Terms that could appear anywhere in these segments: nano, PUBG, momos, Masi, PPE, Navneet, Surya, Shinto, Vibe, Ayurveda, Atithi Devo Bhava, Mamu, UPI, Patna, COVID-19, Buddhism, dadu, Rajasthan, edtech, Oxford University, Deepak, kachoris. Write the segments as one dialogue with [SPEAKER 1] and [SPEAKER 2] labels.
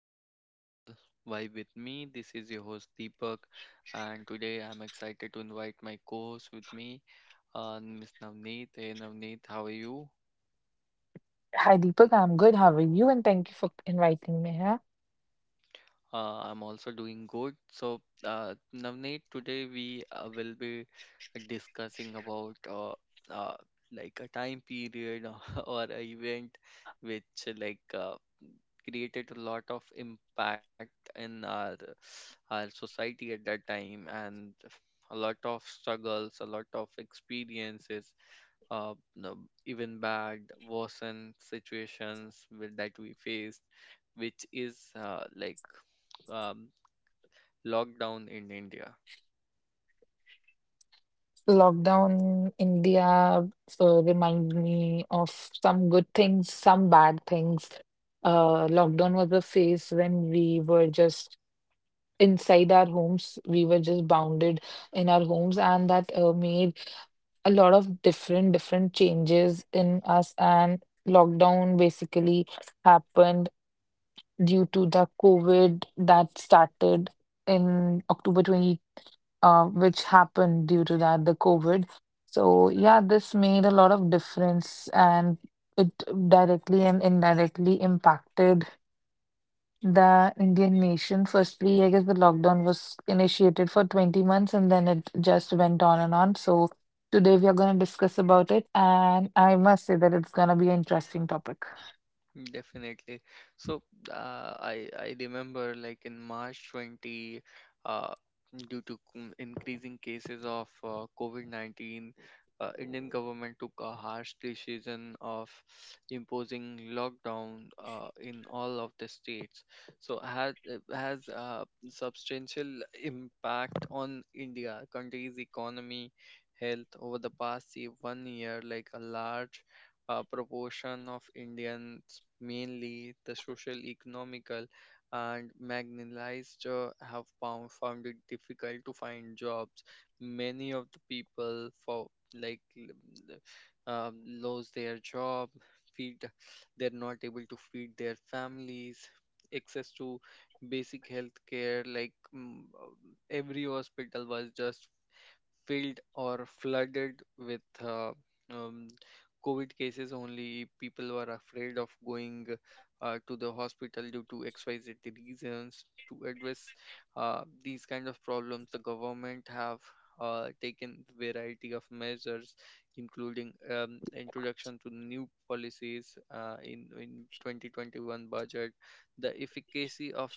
[SPEAKER 1] to our channel Vibe with Me. This is your host Deepak, and today I'm excited to invite my co-host with me, Miss Navneet. Hey Navneet, how are you?
[SPEAKER 2] Hi, Deepak. I'm good. How are you? And thank you for inviting me here.
[SPEAKER 1] I'm also doing good. So, Navneet, today we will be discussing about uh, like a time period or a event which like created a lot of impact in our society at that time and a lot of struggles, a lot of experiences, no, even bad, worsened situations with, that we faced, which is like um, lockdown in India.
[SPEAKER 2] Lockdown India reminds me of some good things, some bad things. Lockdown was a phase when we were just inside our homes. We were just bounded in our homes, and that made a lot of different changes in us. And lockdown basically happened due to the COVID that started in October which happened due to that, the COVID. So yeah, this made a lot of difference and it directly and indirectly impacted the Indian nation. Firstly, I guess the lockdown was initiated for 20 months and then it just went on and on. So today we are going to discuss about it and I must say that it's going to be an interesting topic.
[SPEAKER 1] Definitely. So I remember like in March 20, uh, due to increasing cases of COVID-19, Indian government took a harsh decision of imposing lockdown in all of the states. So has a substantial impact on India country's economy health over the past, say, one year, like a large a proportion of Indians, mainly the social, economical, and marginalized, have found it difficult to find jobs. Many of the people for like lose their job, feed they're not able to feed their families. Access to basic health care, like, every hospital was just filled or flooded with um, COVID cases only. People were afraid of going to the hospital due to XYZ reasons. To address these kind of problems, the government have taken variety of measures, including introduction to new policies in 2021 budget. The efficacy of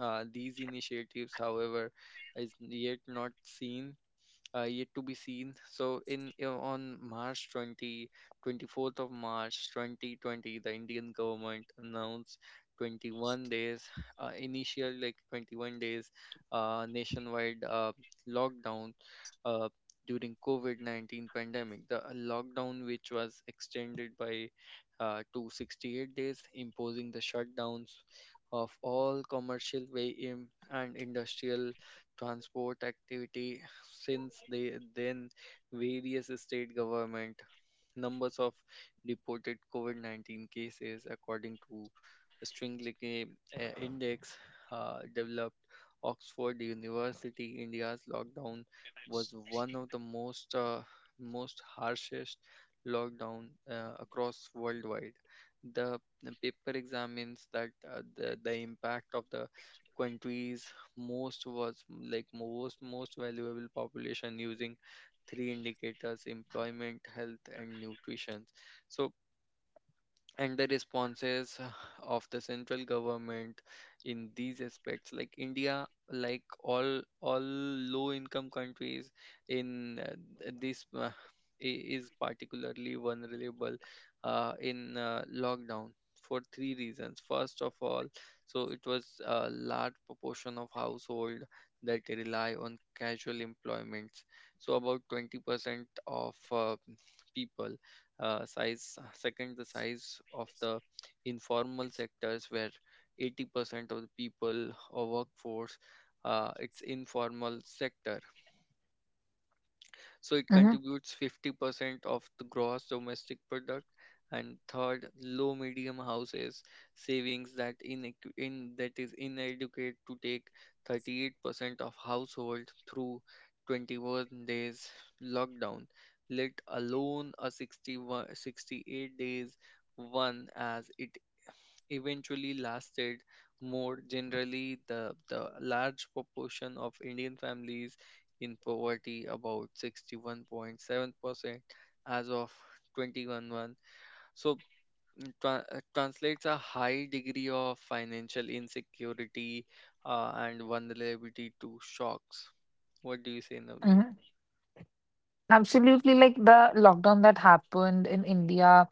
[SPEAKER 1] these initiatives, however, is yet not seen, yet to be seen. So on March twenty twenty fourth of March 2020, the Indian government announced 21 days, initial, like, 21 days nationwide lockdown uh, during COVID-19 pandemic. The lockdown which was extended by to 68 days, imposing the shutdowns of all commercial way in and industrial transport activity. Since they then various state government, numbers of reported COVID-19 cases according to stringlike index developed Oxford University, India's lockdown was one of the most harshest lockdown across worldwide. The the paper examines that the impact of the country's most was like most most valuable population using three indicators: employment, health, and nutrition. So, and the responses of the central government in these aspects, like India, like all low income countries, in this is particularly vulnerable in lockdown for three reasons. First of all, so it was a large proportion of household that rely on casual employments, so about 20% of people. Uh, size second the size of the informal sectors, where 80% of the people or workforce, it's informal sector, so it
[SPEAKER 2] Mm-hmm.
[SPEAKER 1] contributes 50% of the gross domestic product. And third, low medium houses savings, that in that is inadequate to take 38% of household through 21 days lockdown, let alone a 61 68 days one, as it eventually lasted. More generally, the large proportion of Indian families in poverty, about 61.7% as of 2011. So translates a high degree of financial insecurity and vulnerability to shocks. What do you say, Navneet?
[SPEAKER 2] Mm-hmm. Absolutely, like the lockdown that happened in India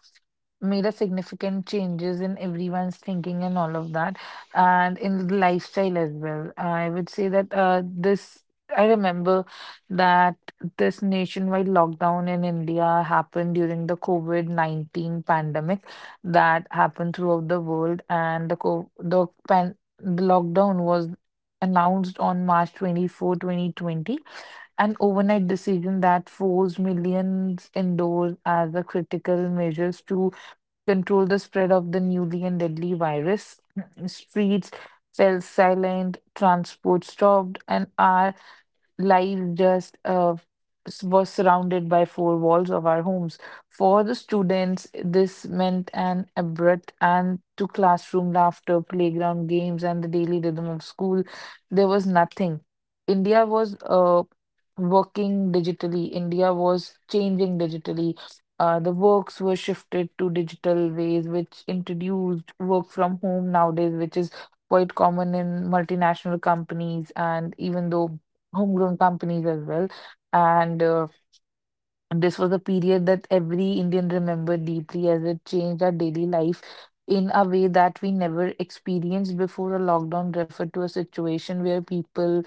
[SPEAKER 2] made a significant changes in everyone's thinking and all of that, and in the lifestyle as well. I would say that this I remember that this nationwide lockdown in India happened during the COVID-19 pandemic that happened throughout the world, and the co the pan the lockdown was announced on March 24, 2020, an overnight decision that forced millions indoors as a critical measures to control the spread of the newly and deadly virus. Streets fell silent, transport stopped, and our life just was surrounded by four walls of our homes. For the students, this meant an abrupt end to classroom laughter, playground games, and the daily rhythm of school. There was nothing. India was working digitally, India was changing digitally. The works were shifted to digital ways, which introduced work from home nowadays, which is quite common in multinational companies. And even though homegrown companies as well. And this was a period that every Indian remembered deeply as it changed our daily life in a way that we never experienced before. A lockdown referred to a situation where people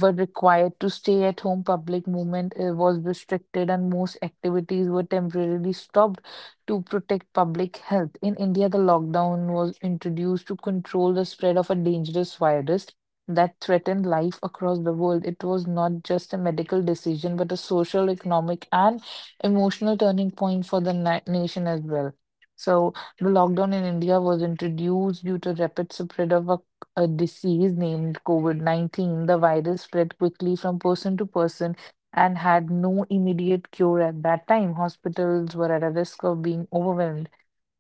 [SPEAKER 2] were required to stay at home, public movement was restricted, and most activities were temporarily stopped to protect public health. In India, the lockdown was introduced to control the spread of a dangerous virus that threatened life across the world. It was not just a medical decision, but a social, economic, and emotional turning point for the nation as well. So, the lockdown in India was introduced due to rapid spread of a disease named COVID-19. The virus spread quickly from person to person and had no immediate cure at that time. Hospitals were at a risk of being overwhelmed.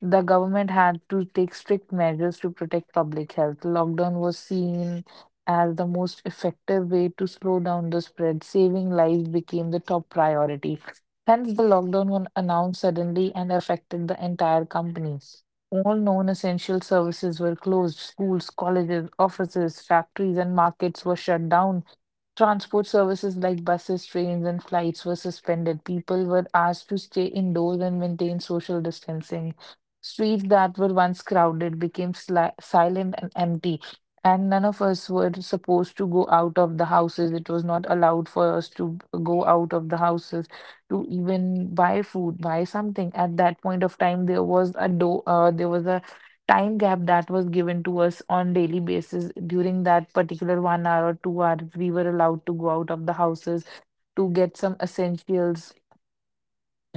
[SPEAKER 2] The government had to take strict measures to protect public health. Lockdown was seen as the most effective way to slow down the spread. Saving lives became the top priority. Hence, the lockdown was announced suddenly and affected the entire company. All non essential services were closed. Schools, colleges, offices, factories, and markets were shut down. Transport services like buses, trains, and flights were suspended. People were asked to stay indoors and maintain social distancing. Streets that were once crowded became silent and empty, and none of us were supposed to go out of the houses. It was not allowed for us to go out of the houses to even buy food, buy something. At that point of time, there was a door. There was a time gap that was given to us on daily basis. During that particular 1 hour or 2 hours, we were allowed to go out of the houses to get some essentials,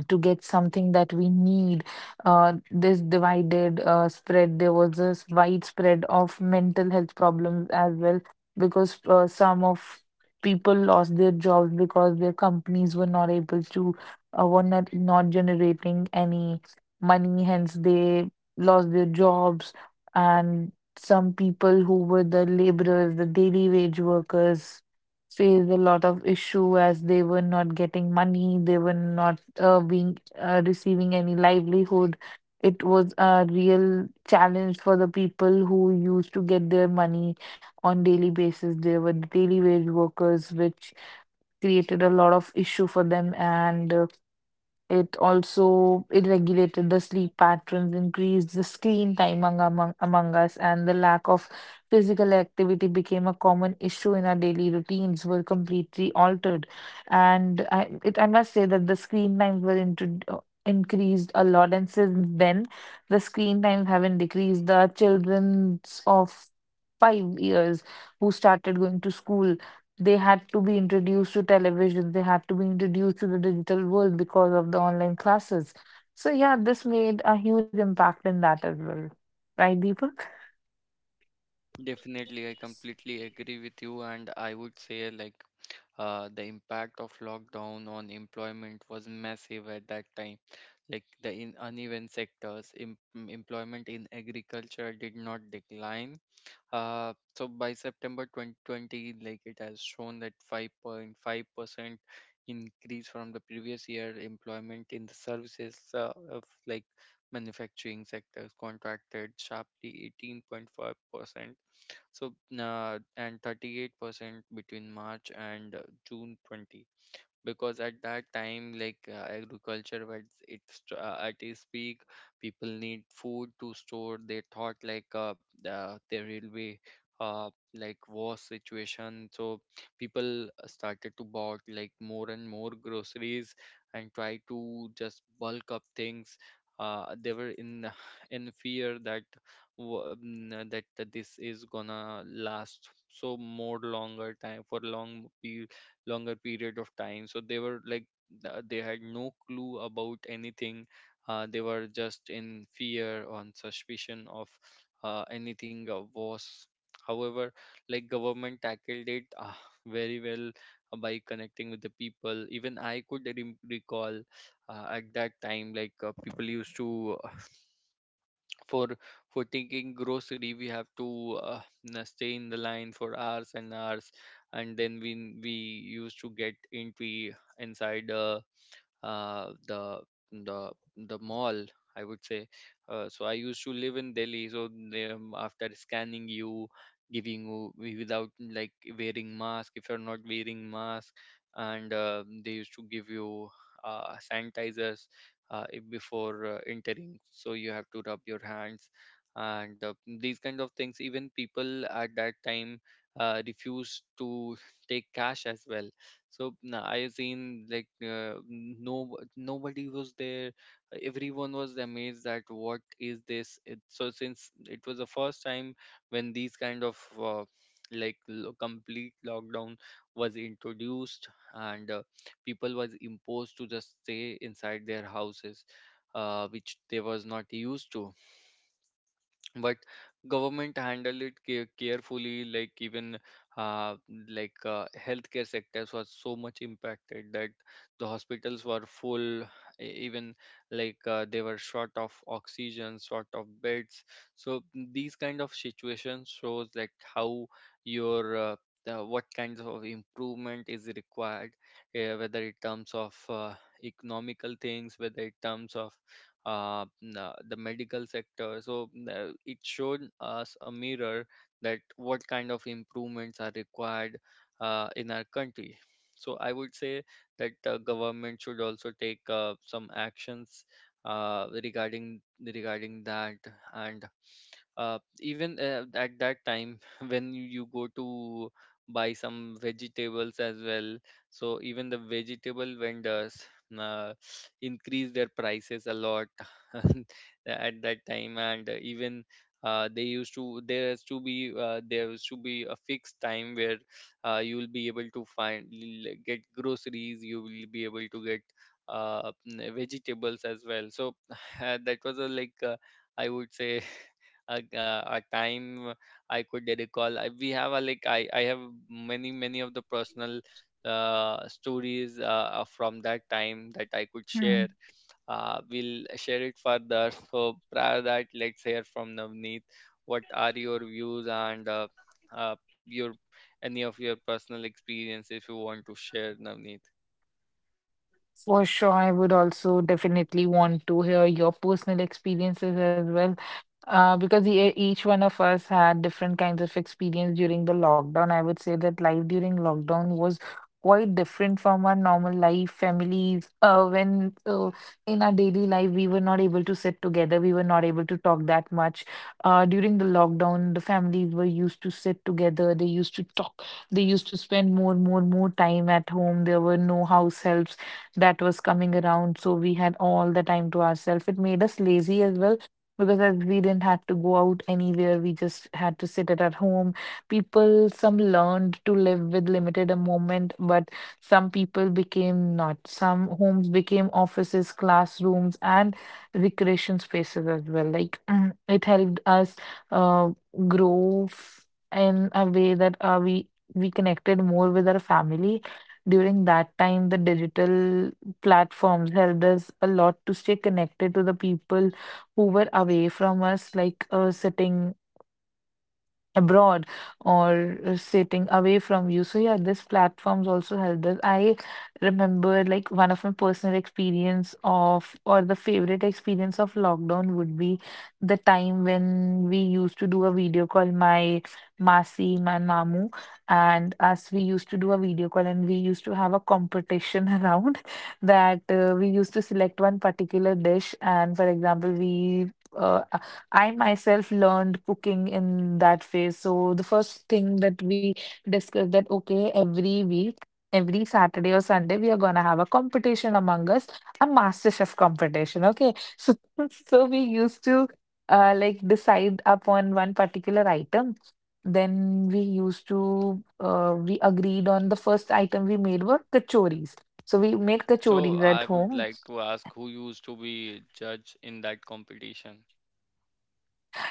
[SPEAKER 2] to get something that we need. There was this widespread of mental health problems as well because some of people lost their jobs because their companies were not able to, were not generating any money, hence they lost their jobs. And some people who were the laborers, the daily wage workers, faced a lot of issue as they were not getting money, they were not being receiving any livelihood. It was a real challenge for the people who used to get their money on daily basis. They were daily wage workers, which created a lot of issue for them, and it also it regulated the sleep patterns, increased the screen time among us, and the lack of physical activity became a common issue in our daily routines were completely altered. And I must say that the screen times were intro increased a lot, and since then the screen times haven't decreased. The childrens of 5 years who started going to school, they had to be introduced to television, they had to be introduced to the digital world because of the online classes. So, yeah, this made a huge impact in that as well. Right, Deepak?
[SPEAKER 1] Definitely, I completely agree with you, and I would say, like, the impact of lockdown on employment was massive at that time. Like the in uneven sectors, employment in agriculture did not decline. So by September 2020, like, it has shown that 5.5% increase from the previous year. Employment in the services, of like manufacturing sectors, contracted sharply 18.5%. So, and 38% between March and June 20, because at that time, like, agriculture was, at its peak. People need food to store. They thought, like, there will be uh, like war situation. So people started to bought, like, more and more groceries and try to just bulk up things. Uh, they were in in fear that that this is gonna last so more longer time, for long longer period of time. So they were like, they had no clue about anything. Uh, they were just in fear on suspicion of anything was. However, like, government tackled it very well by connecting with the people. Even I could recall, at that time, like, people used to, for for taking grocery, we have to stay in the line for hours and hours, and then we used to get entry inside uh, the the the mall, I would say. Uh, so I used to live in Delhi, so they, after scanning you, giving you, without like wearing mask, if you're not wearing mask, and they used to give you sanitizers, before entering, so you have to rub your hands, and these kind of things. Even people at that time refused to take cash as well. So I seen, like, no nobody was there. Everyone was amazed that what is this it, so since it was the first time when these kind of like complete lockdown was introduced, and people was imposed to just stay inside their houses, which they was not used to. But government handled it carefully, like, even, uh, like, healthcare sectors was so much impacted that the hospitals were full, even, like, they were short of oxygen, short of beds. So these kind of situations shows, like, how your what kinds of improvement is required, whether in terms of economical things, whether in terms of the medical sector. So it showed us a mirror, that what kind of improvements are required in our country. So I would say that government should also take some actions regarding that. And even at that time, when you go to buy some vegetables as well, so even the vegetable vendors, uh, increase their prices a lot at that time. And even they used to, there used to be a fixed time where you will be able to get groceries, you will be able to get vegetables as well. So that was a, like, I would say, a time I could recall. I, we have a like I have many of the personal stories from that time that I could
[SPEAKER 2] Hmm.
[SPEAKER 1] share. We'll share it further. So prior that, let's hear from Navneet. What are your views and uh, your any of your personal experience if you want to share, Navneet?
[SPEAKER 2] For sure, I would also definitely want to hear your personal experiences as well, because each one of us had different kinds of experience during the lockdown. I would say that life during lockdown was quite different from our normal life. Families, when in our daily life we were not able to sit together, we were not able to talk that much. During the lockdown, the families were used to sit together. They used to talk. They used to spend more time at home. There were no house helps that was coming around. So we had all the time to ourselves. It made us lazy as well because as we didn't have to go out anywhere. We just had to sit at our home. People, some learned to live with limited a moment, but some people became not. Some homes became offices, classrooms, and recreation spaces as well. Like it helped us uh, grow in a way that we connected more with our family. During that time, the digital platforms helped us a lot to stay connected to the people who were away from us, like sitting abroad or sitting away from you. So yeah, this platforms also helped us. I remember like one of my personal experience of or the favorite experience of lockdown would be the time when we used to do a video call, my Masi, my Mamu, and us, we used to do a video call and we used to have a competition around that we used to select one particular dish and for example, we I myself learned cooking in that phase. So the first thing that we discussed that okay, every week, every Saturday or Sunday, we are gonna have a competition among us, a master chef competition. Okay. So so we used to decide upon one particular item. Then we used to we agreed on the first item we made were kachoris. So we made
[SPEAKER 1] So
[SPEAKER 2] kachoris
[SPEAKER 1] I
[SPEAKER 2] at
[SPEAKER 1] would
[SPEAKER 2] home.
[SPEAKER 1] like to ask, who used to be judge in that competition?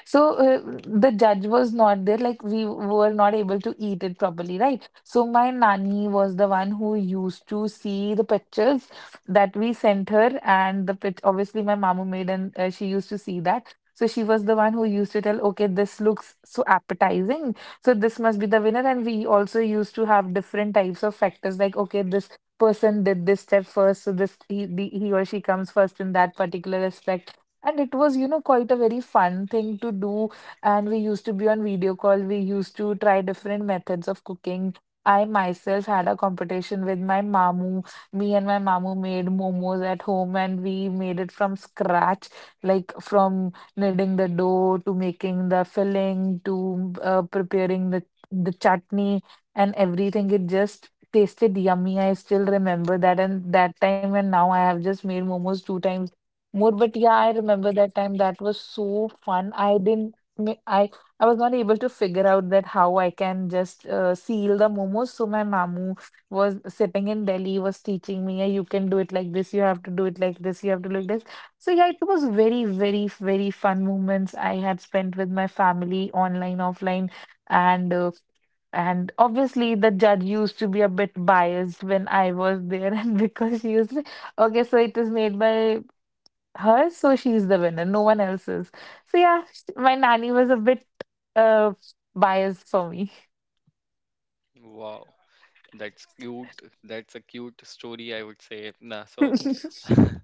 [SPEAKER 2] So the judge was not there, like we were not able to eat it properly, right? So my nanny was the one who used to see the pictures that we sent her, and the pic obviously my mama made, and she used to see that. So she was the one who used to tell, okay, this looks so appetizing. So this must be the winner. And we also used to have different types of factors, like, okay, this person did this step first, so he or she comes first in that particular aspect and it was, you know, quite a very fun thing to do. And we used to be on video call. We used to try different methods of cooking. I myself had a competition with my mamu. Me and my mamu made momos at home and we made it from scratch, like from kneading the dough to making the filling to preparing the chutney and everything. It just tasted yummy. I still remember that. And that time and now I have just made momos two times more, but yeah, I remember that time. That was so fun. I didn't, ma- I was not able to figure out that how I can just seal the momos. So my mamu was sitting in Delhi, was teaching me, "Yeah, you can do it like this. You have to do it like this. You have to do it like this." So yeah, it was very fun moments I had spent with my family, online, offline, and and obviously the judge used to be a bit biased when I was there, and because she used to— okay, so it is made by her, so she's the winner. No one else is. So yeah, my nanny was a bit uh biased for me.
[SPEAKER 1] Wow. That's cute. That's a cute story, I would say. Nah, so,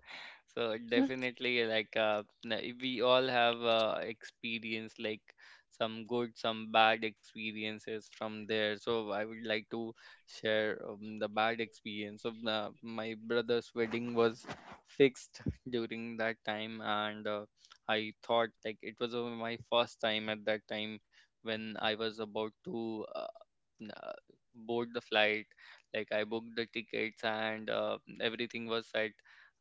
[SPEAKER 1] so definitely, like, we all have experience, like some good, some bad experiences from there. So I would like to share the bad experience of, my brother's wedding was fixed during that time, and I thought, like, it was my first time at that time, when I was about to uh, board the flight, like I booked the tickets and everything was set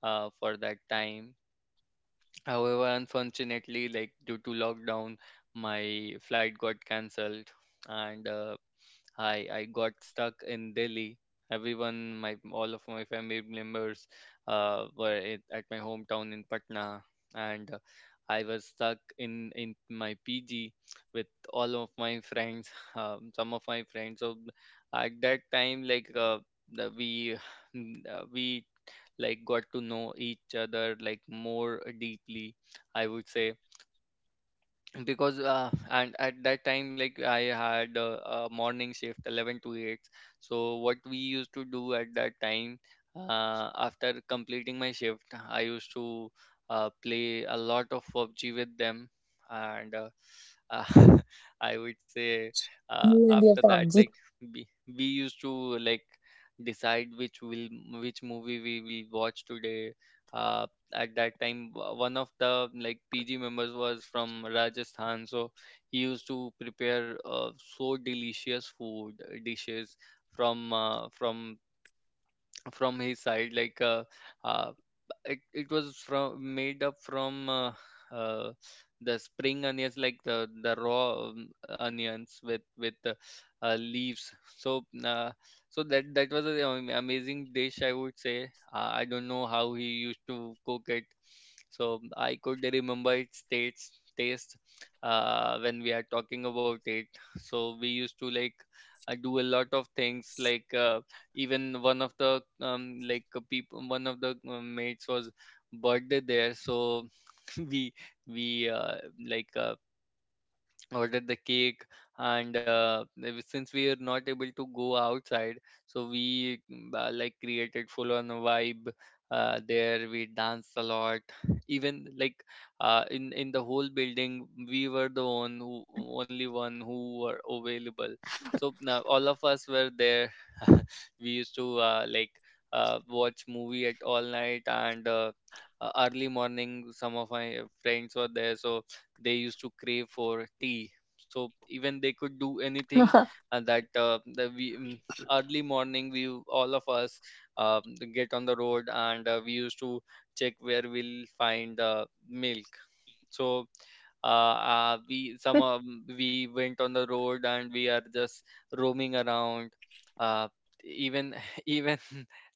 [SPEAKER 1] for that time. However, unfortunately, like, due to lockdown, my flight got cancelled, and I got stuck in Delhi. Everyone, my all of my family members were at my hometown in Patna, and I was stuck in my PG with all of my friends, some of my friends. So at that time, like, we we like got to know each other, like, more deeply. I would say because and at that time, like I had a morning shift 11 to 8. So what we used to do at that time, after completing my shift, I used to play a lot of PUBG with them. And uh, I would say,
[SPEAKER 2] You and your
[SPEAKER 1] after that,
[SPEAKER 2] PUBG.
[SPEAKER 1] like we, we used to like decide which will, which movie we will watch today. uh, at that time, one of the, like, PG members was from Rajasthan, so he used to prepare so delicious food, dishes from uh, from from his side, like, uh it was from, made up from, uh the spring onions, like the raw onions with with leaves. So uh, so that was an amazing dish, I would say. I don't know how he used to cook it, so I could remember its taste when we are talking about it. So we used to, like, do a lot of things, like, even one of the like people, one of the mates was birthday there, so we we like uh,
[SPEAKER 2] Hmm.
[SPEAKER 1] ordered the cake. And since we are not able to go outside, so we like created full on vibe there. We danced a lot. Even, like, in the whole building we were the one who, only one who were available. So now all of us were there. We used to watch movie at all night. And Early morning, some of my friends were there, so they used to crave for tea, so even they could do anything. And that, early morning, we, all of us, um, get on the road and we used to check where we'll find milk. So we went on the road and we are just roaming around. uh, Even even,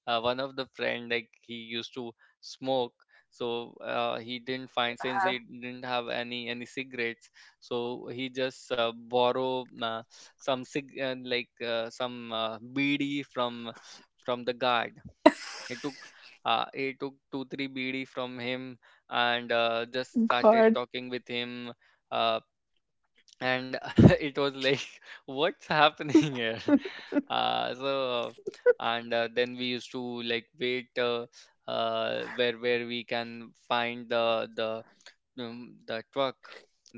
[SPEAKER 1] one of the friend, like, he used to smoke. So he didn't find, since
[SPEAKER 2] Ah,
[SPEAKER 1] he didn't have any cigarettes. So he just borrow some cig- like some bd from the guard. He took, he took 2-3 bd from him, and just started
[SPEAKER 2] God.
[SPEAKER 1] talking with him. uh, and it was like what's happening here. uh so and then we used to, like, wait, where we can find the truck,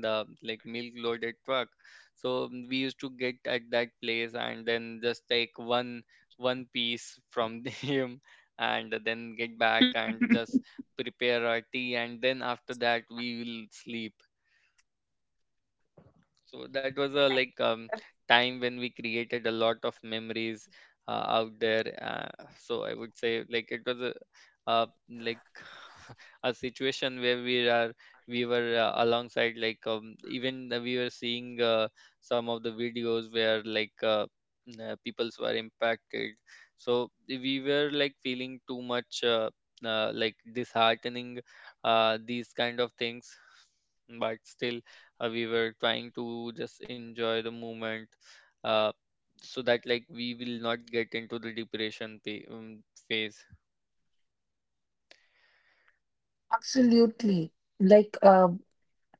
[SPEAKER 1] the like milk loaded truck. So we used to get at that place and then just take one piece from him, and then get back and just prepare our tea, and then after that we will sleep. So that was a, like, time when we created a lot of memories out there. So I would say like it was a like a situation where we were alongside, like, even we were seeing some of the videos where, like, peoples were impacted. So we were, like, feeling too much like disheartening these kind of things, but still we were trying to just enjoy the moment, uh, so that, like, we will not get into the depression, phase.
[SPEAKER 2] Absolutely. Like, um,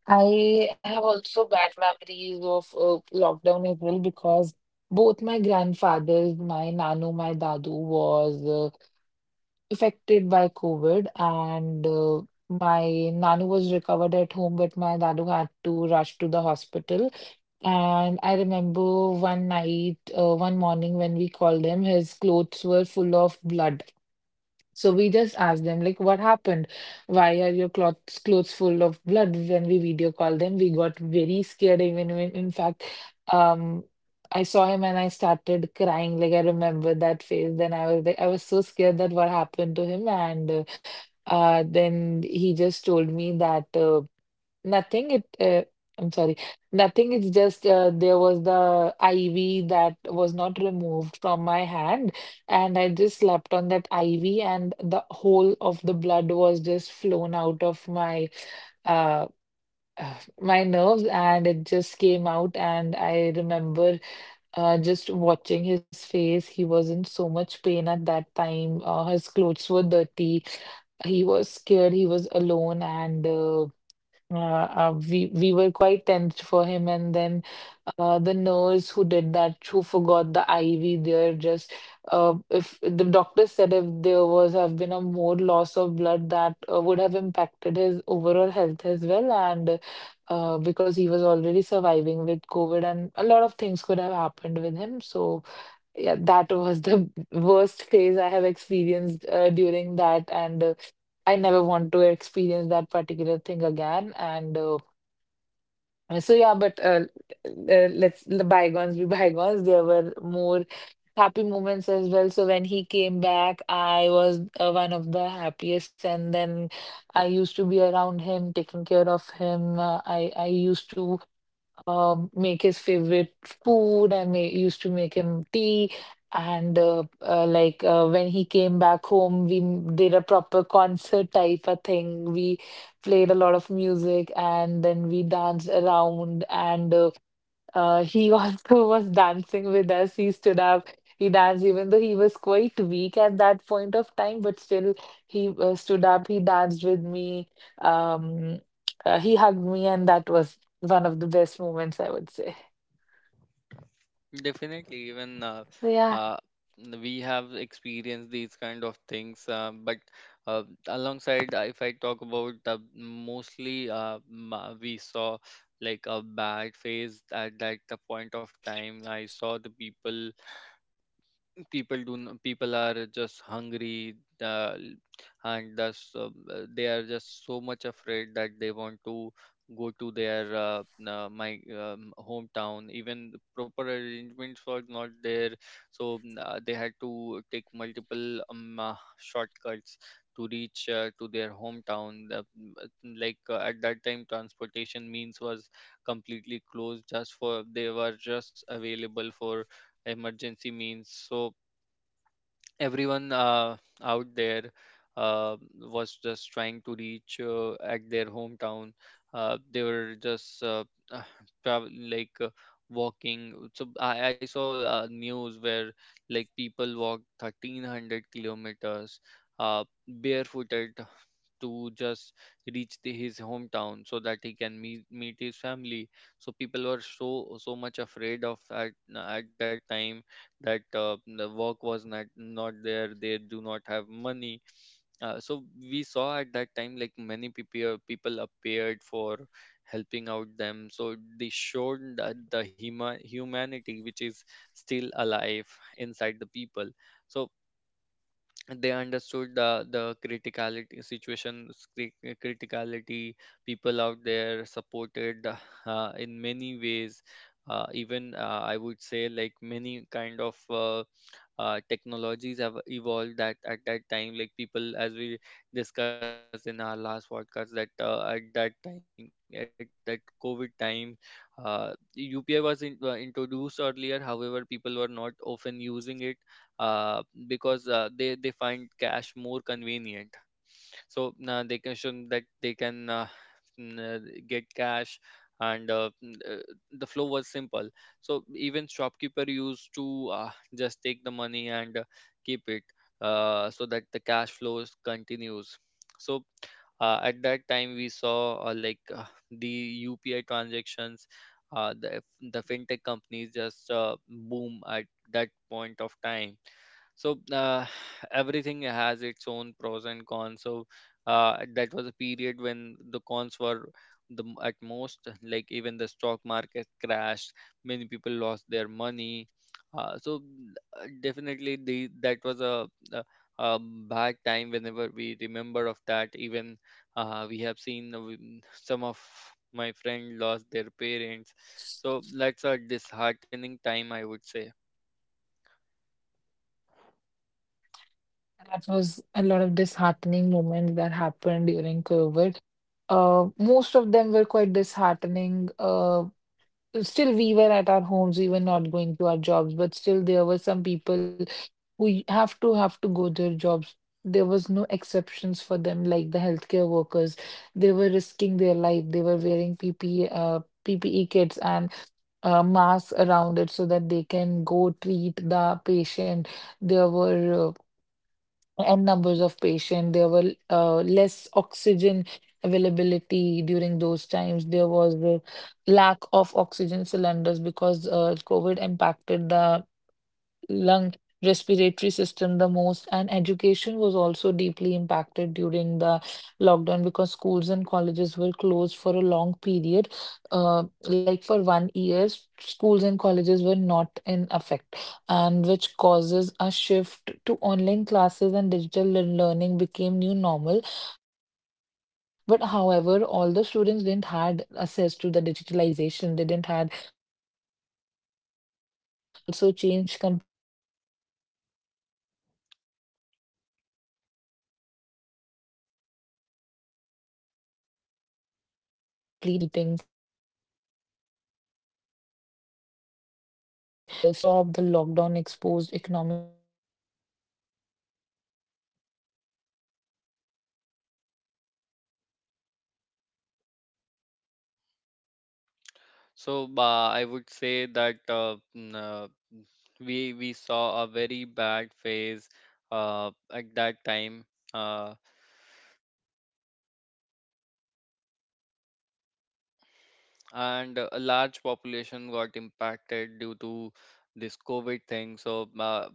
[SPEAKER 2] I have also bad memories of lockdown as well because both my grandfathers, my nano, my dadu was affected by COVID, and my nano was recovered at home, but my dadu had to rush to the hospital. And I remember one night, one morning when we called him, his clothes were full of blood. So we just asked them, like, what happened? Why are your clothes full of blood? When we video called them, we got very scared. Even when, in fact, um, I saw him and I started crying. Like I remember that face. Then I was like, I was so scared that what happened to him. And Then he just told me that nothing. It I'm sorry, nothing. It's just there was the IV that was not removed from my hand and I just slept on that IV, and the whole of the blood was just flown out of my uh my nerves, and it just came out. And I remember just watching his face. He was in so much pain at that time. His clothes were dirty. He was scared. He was alone, and we were quite tensed for him, and then the nurse who did that, who forgot the IV there, just if the doctor said if there was have been a more loss of blood, that would have impacted his overall health as well, and because he was already surviving with COVID, and a lot of things could have happened with him, so yeah, that was the worst phase I have experienced during that, and I never want to experience that particular thing again. Yeah, but let's the bygones be bygones. There were more happy moments as well. So when he came back, I was one of the happiest, and then I used to be around him, taking care of him. I used to make his favorite food. I ma used to make him tea. And like When he came back home, we did a proper concert type of thing. We played a lot of music and then we danced around. And He also was dancing with us. He stood up, he danced, even though he was quite weak at that point of time, but still he stood up, he danced with me, um, he hugged me, and that was one of the best moments, I would say.
[SPEAKER 1] Definitely, even,
[SPEAKER 2] So, yeah,
[SPEAKER 1] uh, we have experienced these kind of things, but uh, alongside, if I talk about, mostly, we saw like a bad phase. At that, the point of time, I saw the people are just hungry, uh, and thus they are just so much afraid that they want to go to their, my hometown. Even the proper arrangements were not there, so they had to take multiple shortcuts to reach to their hometown. Like, at that time, transportation means was completely closed, just for, they were just available for emergency means. So everyone out there was just trying to reach at their hometown. They were just travel, like, walking. So I saw news where like people walked 1300 kilometers barefooted to just reach the, his hometown so that he can meet his family. So people were so much afraid of at that time that the work was not there, they do not have money. So we saw at that time like many people appeared for helping out them, so they showed that the humanity which is still alive inside the people. So they understood the criticality situation. cri- Criticality, people out there supported in many ways. Even, I would say, like, many kind of technologies have evolved. That at that time, like, people, as we discussed in our last podcast, that at that time, at that COVID time, uh, UPI was in, introduced earlier, however people were not often using it, uh, because they find cash more convenient. So they can show that they can, n- uh, get cash, and the flow was simple. So even shopkeeper used to just take the money and keep it, so that the cash flows continues. So at that time we saw the UPI transactions, uh, the the fintech companies just boom at that point of time. So everything has its own pros and cons. So that was a period when the cons were at most, like, even the stock market crashed, many people lost their money. So definitely the that was a a bad time whenever we remember of that. Even we have seen, some of my friend lost their parents. So that's a disheartening time, I would say.
[SPEAKER 2] that was a lot of disheartening moments that happened during COVID. Most of them were quite disheartening. Still we were at our homes, we were not going to our jobs, but still there were some people who have to go their jobs. There was no exceptions for them, like the healthcare workers. They were risking their life. They were wearing PPE kits and masks around it so that they can go treat the patient. There were and numbers of patients. There were less oxygen availability during those times. There was the lack of oxygen cylinders because COVID impacted the lung respiratory system the most, and education was also deeply impacted during the lockdown because schools and colleges were closed for a long period, like for 1 year s- schools and colleges were not in effect, and which causes a shift to online classes and digital learning became new normal. But however, all the students didn't had access to the digitalization. They didn't had a wi fi, they didn't have their phones, they didn't have internet. And work life also changed completely during the lockdown. Many employees starting working from home, meeting moved online, some business adapted while others struggled. Daily wage workers faced losses of their job. The lockdown exposed economic vulnerabilities as well. And The per the workers who were migrant to different locations were impacted
[SPEAKER 1] So
[SPEAKER 2] due
[SPEAKER 1] I would
[SPEAKER 2] to the
[SPEAKER 1] say that,
[SPEAKER 2] lockdown as well.
[SPEAKER 1] we saw a very bad phase at that time. Uh, and a large population got impacted due to this COVID thing. So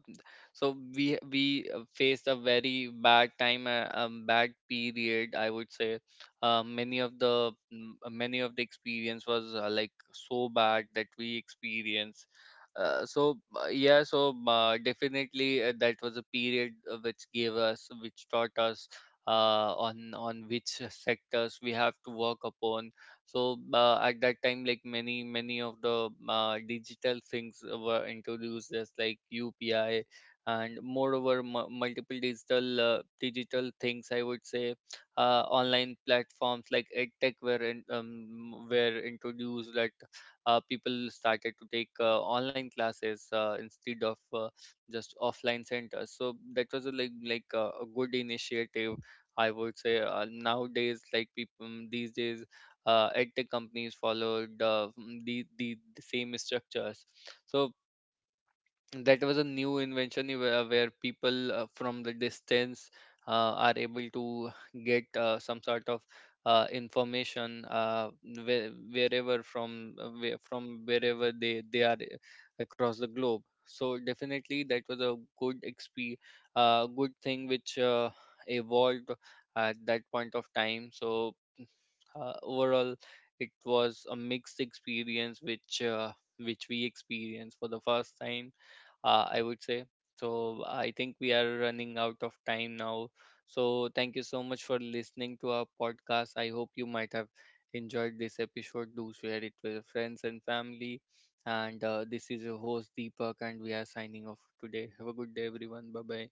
[SPEAKER 1] so we faced a very bad time, bad period, I would say. Many of the many of the experience was like so bad that we experienced. Yeah, so definitely that was a period which taught us on which sectors we have to work upon. So at that time, like, many of the digital things were introduced, as like UPI, and moreover, multiple digital, digital things, I would say. Online platforms like edtech were in, were introduced, that people started to take online classes instead of just offline centers. So that was a, like a good initiative, I would say. Nowadays, like, people these days, edtech companies followed the same structures. So that was a new invention where people from the distance are able to get some sort of information, where, wherever from where, from wherever they are across the globe. So definitely that was a good exp good thing which evolved at that point of time. So overall, it was a mixed experience which we experienced for the first time, I would say. So I think we are running out of time now. So thank you so much for listening to our podcast. I hope you might have enjoyed this episode. Do share it with your friends and family. And this is your host Deepak, and we are signing off today. Have a good day, everyone. Bye bye.